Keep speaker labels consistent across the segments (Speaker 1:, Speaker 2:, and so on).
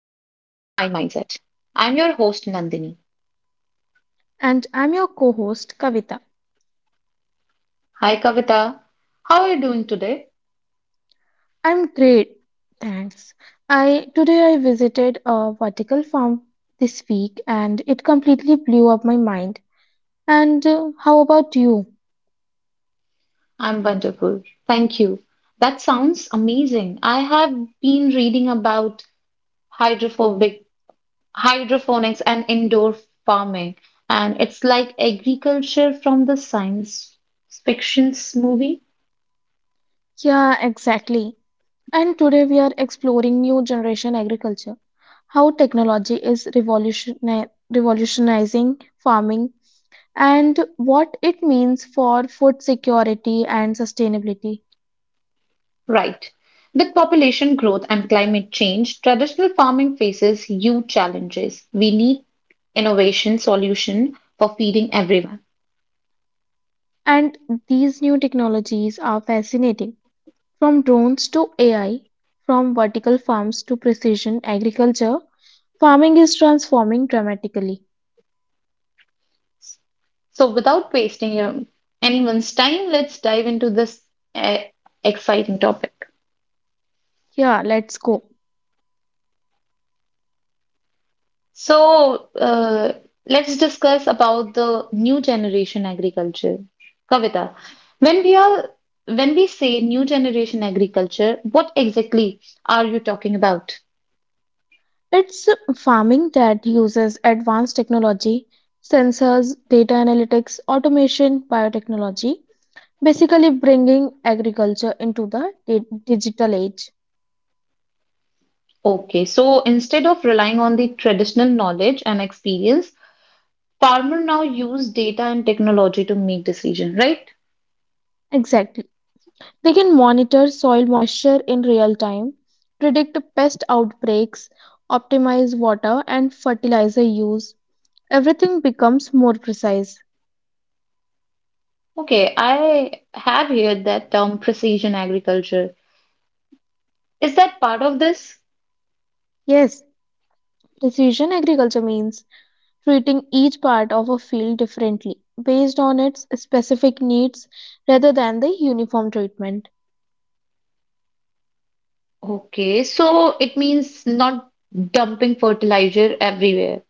Speaker 1: Mindset. I'm your host, Nandini.
Speaker 2: And I'm your co-host Kavita.
Speaker 1: Hi, Kavita. How are you doing today?
Speaker 2: I'm great, thanks. I today I visited a vertical farm this week, and it completely blew up my mind. And how about you?
Speaker 1: I'm wonderful. Thank you. That sounds amazing. I have been reading about hydrophobic, hydroponics and indoor farming, and it's like agriculture from the science fiction movie.
Speaker 2: Yeah, exactly. And today we are exploring new generation agriculture, how technology is revolutionizing farming and what it means for food security and sustainability.
Speaker 1: Right. With population growth and climate change, traditional farming faces huge challenges. We need innovation solution for feeding everyone.
Speaker 2: And these new technologies are fascinating. From drones to AI, from vertical farms to precision agriculture, farming is transforming dramatically.
Speaker 1: So without wasting your, anyone's time, let's dive into this uh, exciting topic.
Speaker 2: Yeah, let's go.
Speaker 1: So let's discuss about the new generation agriculture. Kavita, when we are when we say new generation agriculture, what exactly are you talking about?
Speaker 2: It's farming that uses advanced technology, sensors, data analytics, automation, biotechnology, basically bringing agriculture into the digital age.
Speaker 1: Okay, so instead of relying on the traditional knowledge and experience, farmer now use data and technology to make decision, right?
Speaker 2: Exactly. They can monitor soil moisture in real time, predict pest outbreaks, optimize water and fertilizer use. Everything becomes more precise.
Speaker 1: Okay, I have heard that term precision agriculture. Is that part of this?
Speaker 2: Yes, precision agriculture means treating each part of a field differently based on its specific needs rather than the uniform treatment.
Speaker 1: Okay, so it means not dumping fertilizer everywhere,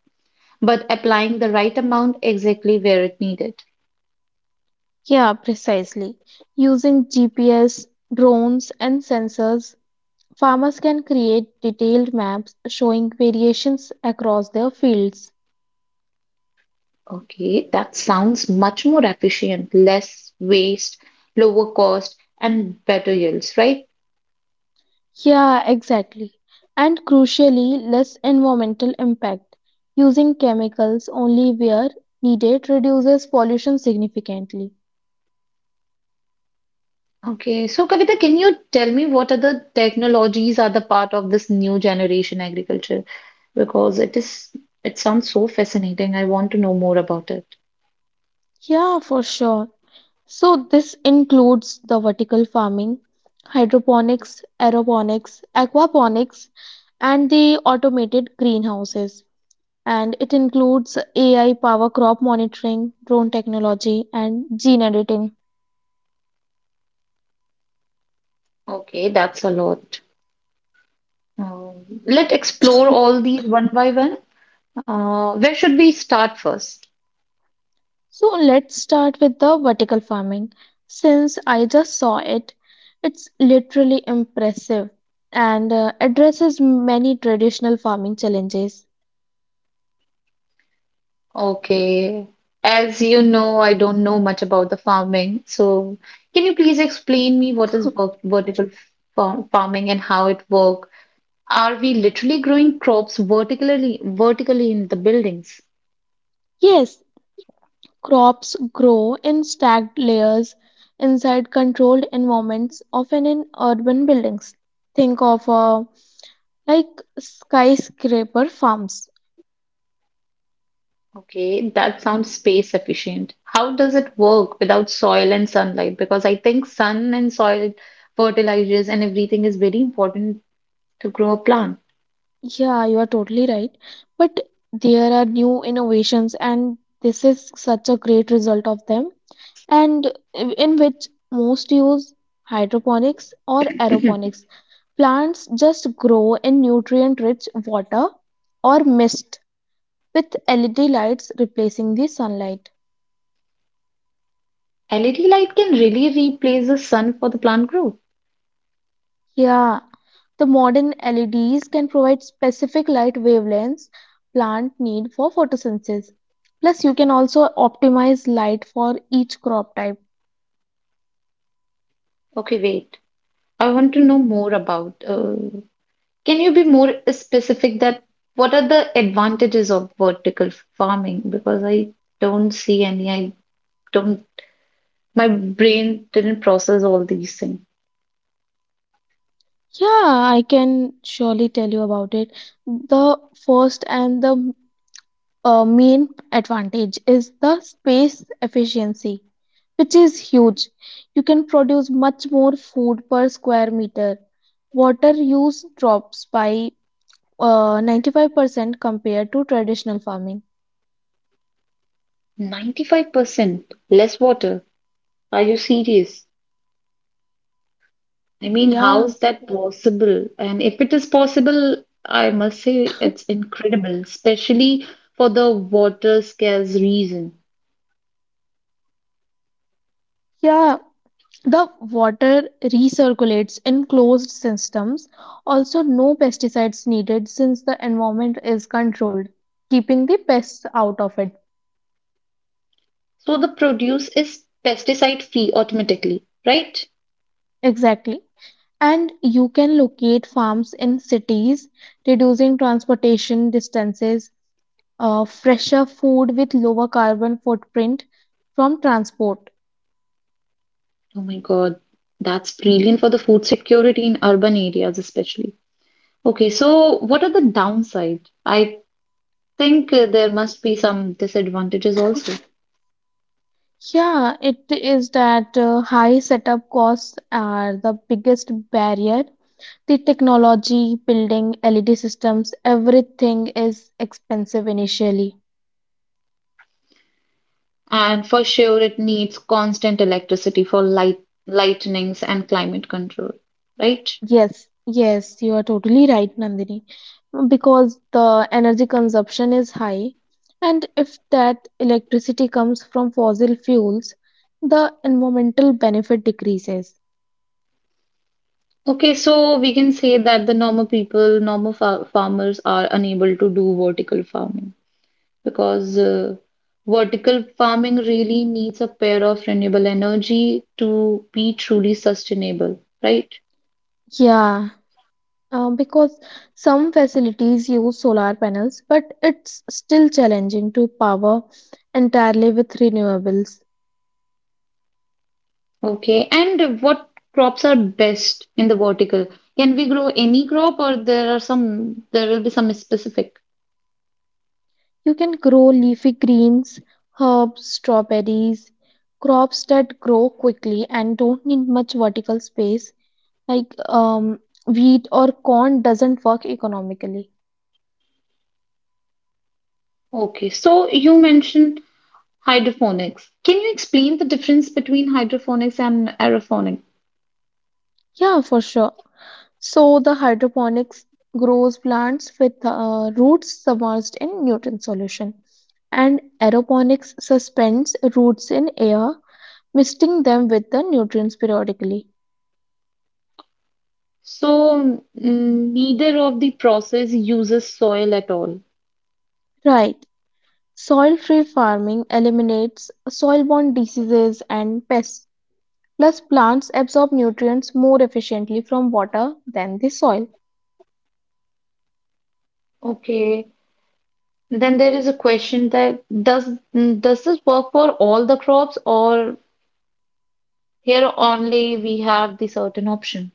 Speaker 1: but applying the right amount exactly where it needed.
Speaker 2: Yeah, precisely. Using GPS, drones, and sensors, farmers can create detailed maps showing variations across their fields.
Speaker 1: Okay, that sounds much more efficient, less waste, lower cost, and better yields, right?
Speaker 2: Yeah, exactly. And crucially, less environmental impact. Using chemicals only where needed reduces pollution significantly.
Speaker 1: Okay, so Kavita, can you tell me what are the technologies are the part of this new generation agriculture? Because it is, it sounds so fascinating. I want to know more about it.
Speaker 2: Yeah, for sure. So, this includes the vertical farming, hydroponics, aeroponics, aquaponics, and the automated greenhouses. And it includes AI power crop monitoring, drone technology, and gene editing.
Speaker 1: Okay, that's a lot. Let's explore all these one by one. Where should we start first?
Speaker 2: So let's start with the vertical farming. Since I just saw it, it's literally impressive and addresses many traditional farming challenges.
Speaker 1: Okay, as you know, I don't know much about the farming. So, can you please explain me what is vertical fa farming and how it work? Are we literally growing crops vertically in the buildings?
Speaker 2: Yes, crops grow in stacked layers inside controlled environments, often in urban buildings. Think of like skyscraper farms.
Speaker 1: Okay, that sounds space efficient. How does it work without soil and sunlight? Because I think fertilizers and everything is very important to grow a plant.
Speaker 2: Yeah, you are totally right. But there are new innovations, and this is such a great result of them, and in which most use hydroponics or aeroponics. Plants just grow in nutrient rich water or mist with LED lights replacing the sunlight.
Speaker 1: LED light can really replace the sun for the plant growth.
Speaker 2: Yeah, the modern LEDs can provide specific light wavelengths plant need for photosynthesis. Plus, you can also optimize light for each crop type.
Speaker 1: Okay, wait. I want to know more about. Can you be more specific that what are the advantages of vertical farming? Because I don't see any. I don't My brain didn't process all these things.
Speaker 2: Yeah, I can surely tell you about it. The first and the main advantage is the space efficiency, which is huge. You can produce much more food per square meter. Water use drops by 95% compared to traditional farming.
Speaker 1: 95% less water. Are you serious? I mean, how
Speaker 2: Yeah,
Speaker 1: is that possible? And if it is possible, I must say it's incredible, especially for the water scarce reason.
Speaker 2: yeah. The water recirculates in closed systems. Also, no pesticides needed since the environment is controlled, keeping the pests out of it.
Speaker 1: So the produce is pesticide free automatically, right?
Speaker 2: Exactly. And you can locate farms in cities, reducing transportation distances, fresher food with lower carbon footprint from transport.
Speaker 1: Oh my God, that's brilliant for the food security in urban areas, especially. Okay, so what are the downside? I think there must be some disadvantages also.
Speaker 2: Yeah, it is that high setup costs are the biggest barrier. The technology, building LED systems, everything is expensive initially.
Speaker 1: And for sure, it needs constant electricity for light, lightnings and climate control, right?
Speaker 2: Yes, yes, you are totally right, Nandini. Because the energy consumption is high, and if that electricity comes from fossil fuels, the environmental benefit decreases.
Speaker 1: Okay, so we can say that normal fa farmers are unable to do vertical farming because vertical farming really needs a pair of renewable energy to be truly sustainable, right?
Speaker 2: Yeah, because some facilities use solar panels, but it's still challenging to power entirely with renewables.
Speaker 1: Okay, and what crops are best in the vertical? Can we grow any crop or there will be some specific?
Speaker 2: You can grow leafy greens, herbs, strawberries, crops that grow quickly and don't need much vertical space. Like wheat or corn doesn't work economically.
Speaker 1: Okay, so you mentioned hydroponics. Can you explain the difference between hydroponics and aeroponics?
Speaker 2: Yeah, for sure. So the hydroponics grows plants with roots submerged in nutrient solution, and aeroponics suspends roots in air, misting them with the nutrients periodically.
Speaker 1: So, neither of the process uses soil at all.
Speaker 2: Right. Soil-free farming eliminates soil-borne diseases and pests. Plus, plants absorb nutrients more efficiently from water than the soil.
Speaker 1: Okay. Then there is a question that does this work for all the crops or here only we have the certain option?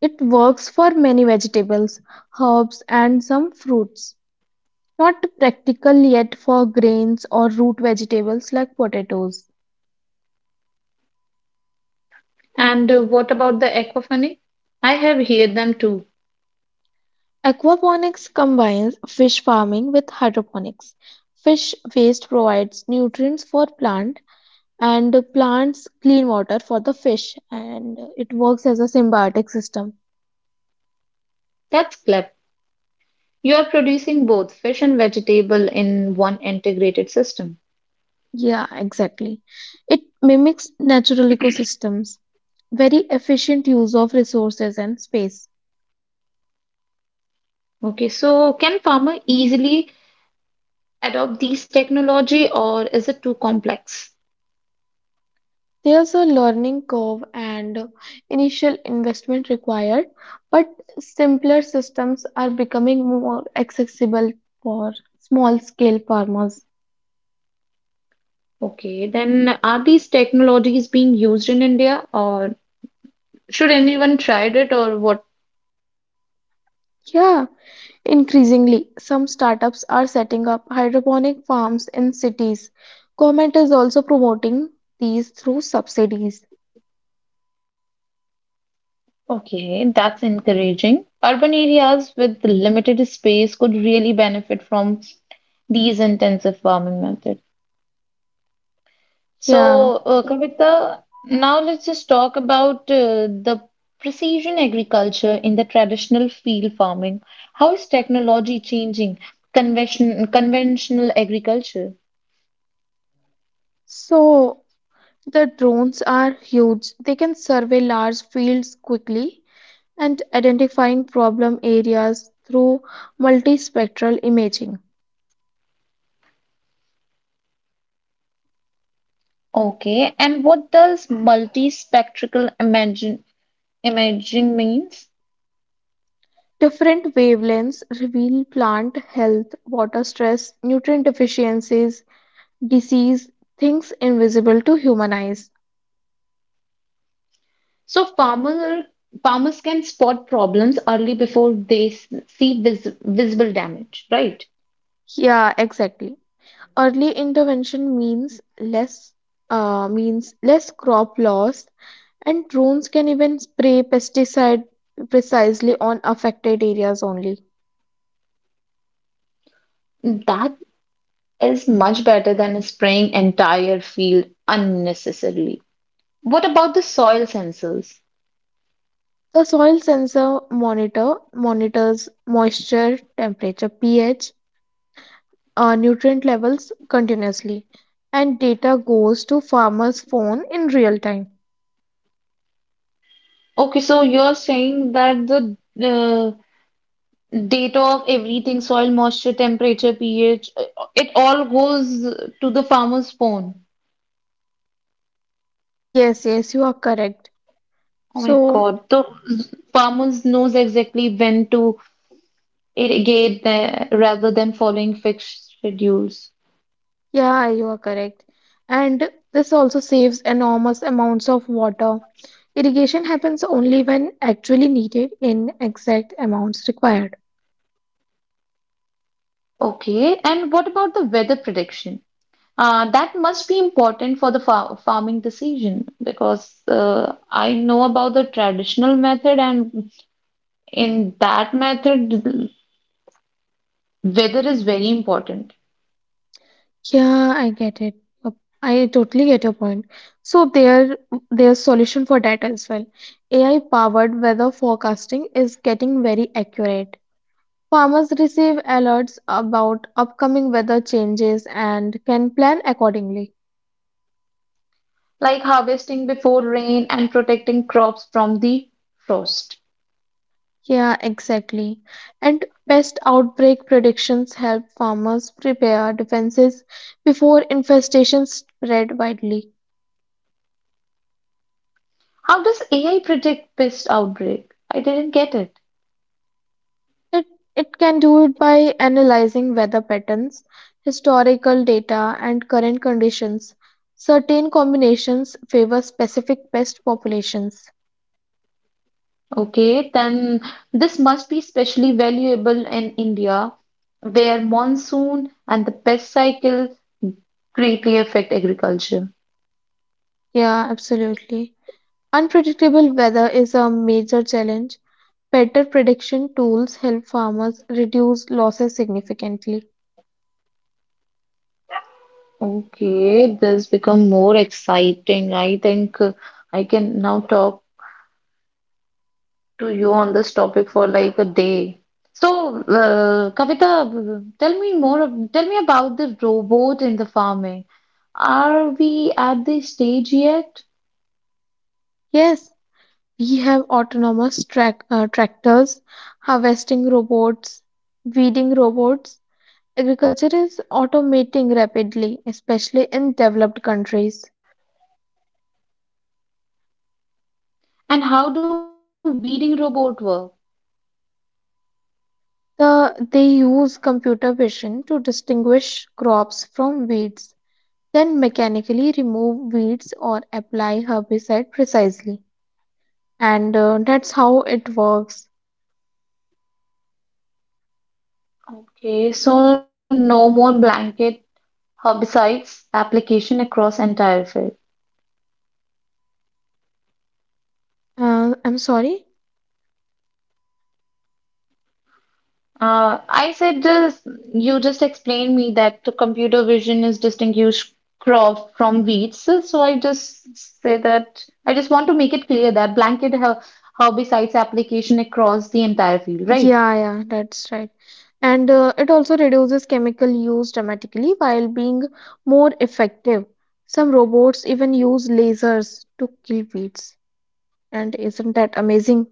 Speaker 2: It works for many vegetables, herbs, and some fruits. Not practical yet for grains or root vegetables like potatoes.
Speaker 1: And what about the aquaponics? I have heard them too.
Speaker 2: Aquaponics combines fish farming with hydroponics. Fish waste provides nutrients for plant, and plants clean water for the fish, and it works as a symbiotic system.
Speaker 1: That's clever. You are producing both fish and vegetable in one integrated system.
Speaker 2: Yeah, exactly. It mimics natural ecosystems. Very efficient use of resources and space.
Speaker 1: Okay, so can farmer easily adopt these technology or is it too complex?
Speaker 2: There's a learning curve and initial investment required, but simpler systems are becoming more accessible for small scale farmers.
Speaker 1: Okay, then are these technologies being used in India or should anyone tried it or what?
Speaker 2: Yeah, increasingly, some startups are setting up hydroponic farms in cities. Government is also promoting these through subsidies.
Speaker 1: Okay, that's encouraging. Urban areas with limited space could really benefit from these intensive farming methods.
Speaker 2: Yeah,
Speaker 1: So, Kavita, now let's just talk about the precision agriculture in the traditional field farming. How is technology changing conventional agriculture?
Speaker 2: so the drones are huge. They can survey large fields quickly and identifying problem areas through multispectral imaging.
Speaker 1: Okay, and what does imaging means?
Speaker 2: Different wavelengths reveal plant health, water stress, nutrient deficiencies, disease, things invisible to human eyes.
Speaker 1: So, farmers can spot problems early before they see visible damage, right?
Speaker 2: Yeah, exactly. Early intervention means less crop loss, and drones can even spray pesticide precisely on affected areas only.
Speaker 1: That is much better than spraying entire field unnecessarily. What about the soil sensors?
Speaker 2: The soil sensor monitors moisture, temperature, pH, nutrient levels continuously, and data goes to farmer's phone in real time.
Speaker 1: Okay, so you're saying that the uh, data of everything, soil moisture, temperature, pH, it all goes to the farmer's phone.
Speaker 2: Yes, yes, you are correct.
Speaker 1: Oh my
Speaker 2: So,
Speaker 1: God, the farmers knows exactly when to irrigate the, rather than following fixed schedules.
Speaker 2: yeah, you are correct. And this also saves enormous amounts of water. Irrigation happens only when actually needed in exact amounts required.
Speaker 1: Okay, and what about the weather prediction? That must be important for the fa farming decision because I know about the traditional method, and in that method, weather is very important,
Speaker 2: Yeah, I get it. Uh, I totally get your point. So there's solution for that as well. AI-powered weather forecasting is getting very accurate. Farmers receive alerts about upcoming weather changes and can plan accordingly.
Speaker 1: like harvesting before rain and protecting crops from the frost.
Speaker 2: Yeah, exactly. And pest outbreak predictions help farmers prepare defenses before infestations spread widely.
Speaker 1: How does AI predict pest outbreak? I didn't get it.
Speaker 2: It, it can do it by analyzing weather patterns, historical data, and current conditions. Certain combinations favor specific pest populations.
Speaker 1: Okay, then this must be especially valuable in India, where monsoon and the pest cycle greatly affect agriculture.
Speaker 2: Yeah, absolutely. Unpredictable weather is a major challenge. Better prediction tools help farmers reduce losses significantly.
Speaker 1: Okay, this become more exciting. I think I can now talk to you on this topic for like a day. So, Kavita, tell me more, tell me about the robot in the farming. Are we at the stage yet?
Speaker 2: Yes, we have autonomous tractors, harvesting robots, weeding robots. Agriculture is automating rapidly, especially in developed countries.
Speaker 1: And how do weeding robot work?
Speaker 2: They use computer vision to distinguish crops from weeds, then mechanically remove weeds or apply herbicide precisely. And that's how it works.
Speaker 1: Okay, so no more blanket herbicides application across entire field.
Speaker 2: I'm sorry?
Speaker 1: I said this, you just explained me that the computer vision is distinguished crop from weeds. So I just say that I just want to make it clear that blanket herbicides application across the entire field, right?
Speaker 2: Yeah, yeah, that's right. And it also reduces chemical use dramatically while being more effective. Some robots even use lasers to kill weeds. And isn't that amazing?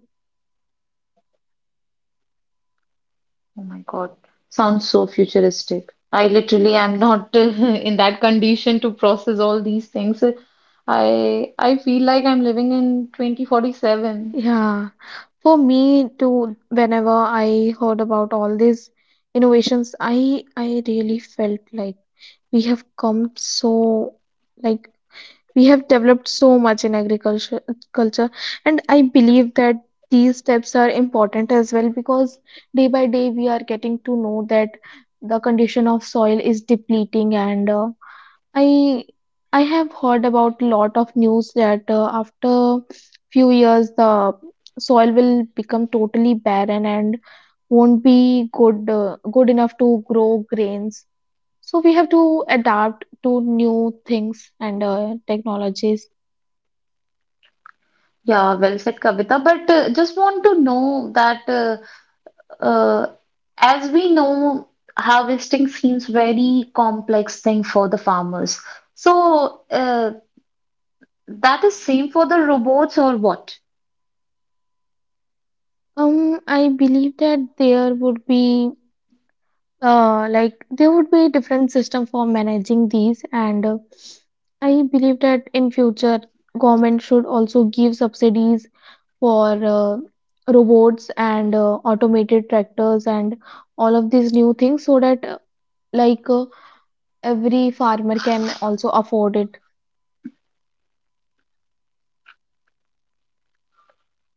Speaker 1: Oh my God, sounds so futuristic. I literally am not in that condition to process all these things. I feel like I'm living in 2047.
Speaker 2: Yeah. For me too, whenever I heard about all these innovations, I really felt like we have come so, like, we have developed so much in agriculture culture, and I believe that these steps are important as well, because day by day we are getting to know that the condition of soil is depleting, and I have heard about lot of news that after few years the soil will become totally barren and won't be good good enough to grow grains. So we have to adapt to new things and technologies.
Speaker 1: Yeah, well said, Kavita. But just want to know that. Uh, as we know, harvesting seems very complex thing for the farmers. So that is same for the robots or what?
Speaker 2: I believe that there would be like there would be different system for managing these, and I believe that in future government should also give subsidies for robots and automated tractors and all of these new things so that like every farmer can also afford it.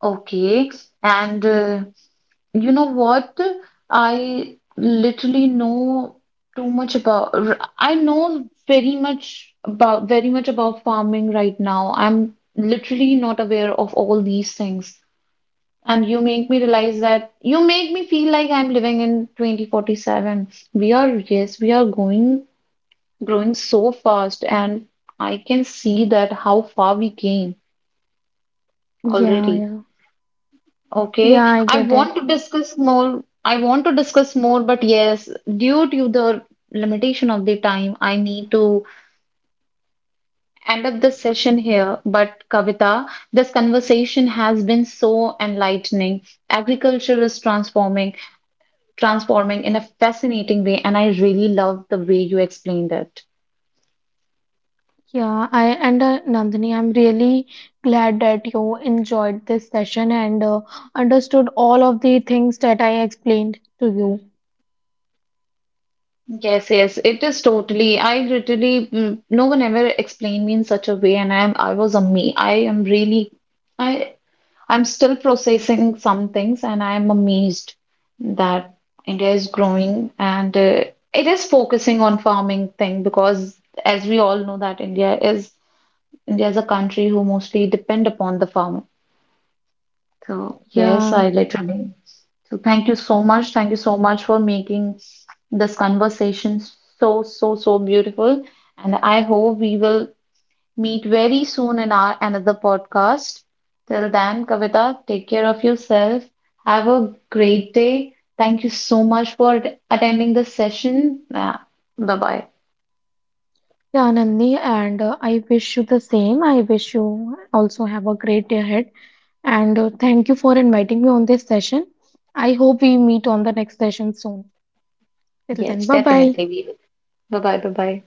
Speaker 1: Okay, and you know what? I literally know too much about. I know very much about farming right now. I'm literally not aware of all these things. And you make me feel like I'm living in 2047. We are, yes, we are growing so fast, and I can see that how far we came
Speaker 2: Yeah,
Speaker 1: already.
Speaker 2: yeah,
Speaker 1: Okay,
Speaker 2: yeah, I
Speaker 1: I
Speaker 2: get it.
Speaker 1: want to discuss more. I want to discuss more, but yes, due to the limitation of the time, I need to end up this session here. But Kavita, this conversation has been so enlightening. Agriculture is transforming. Transforming in a fascinating way, and I really love the way you explained it.
Speaker 2: Yeah, I and nandini I'm really glad that you enjoyed this session and understood all of the things that I explained to you.
Speaker 1: Yes, yes, it is totally. No one ever explained me in such a way, and I'm, I was a me. I am really, I, I'm still processing some things, and I'm amazed that India is growing and it is focusing on farming thing because, as we all know, that India is a country who mostly depend upon the farming. So yes,
Speaker 2: Yeah.
Speaker 1: I literally. So thank you so much. Thank you so much for making this conversation so beautiful. And I hope we will meet very soon in our another podcast. Till then, Kavita, take care of yourself. Have a great day. Thank you so much for attending this session. Yeah. Bye bye.
Speaker 2: Yeah, Nandini, and I wish you the same. I wish you also have a great day ahead. And thank you for inviting me on this session. I hope we meet on the next session soon. Till then,
Speaker 1: Yes,
Speaker 2: bye bye.
Speaker 1: definitely we will. Bye bye. Bye bye.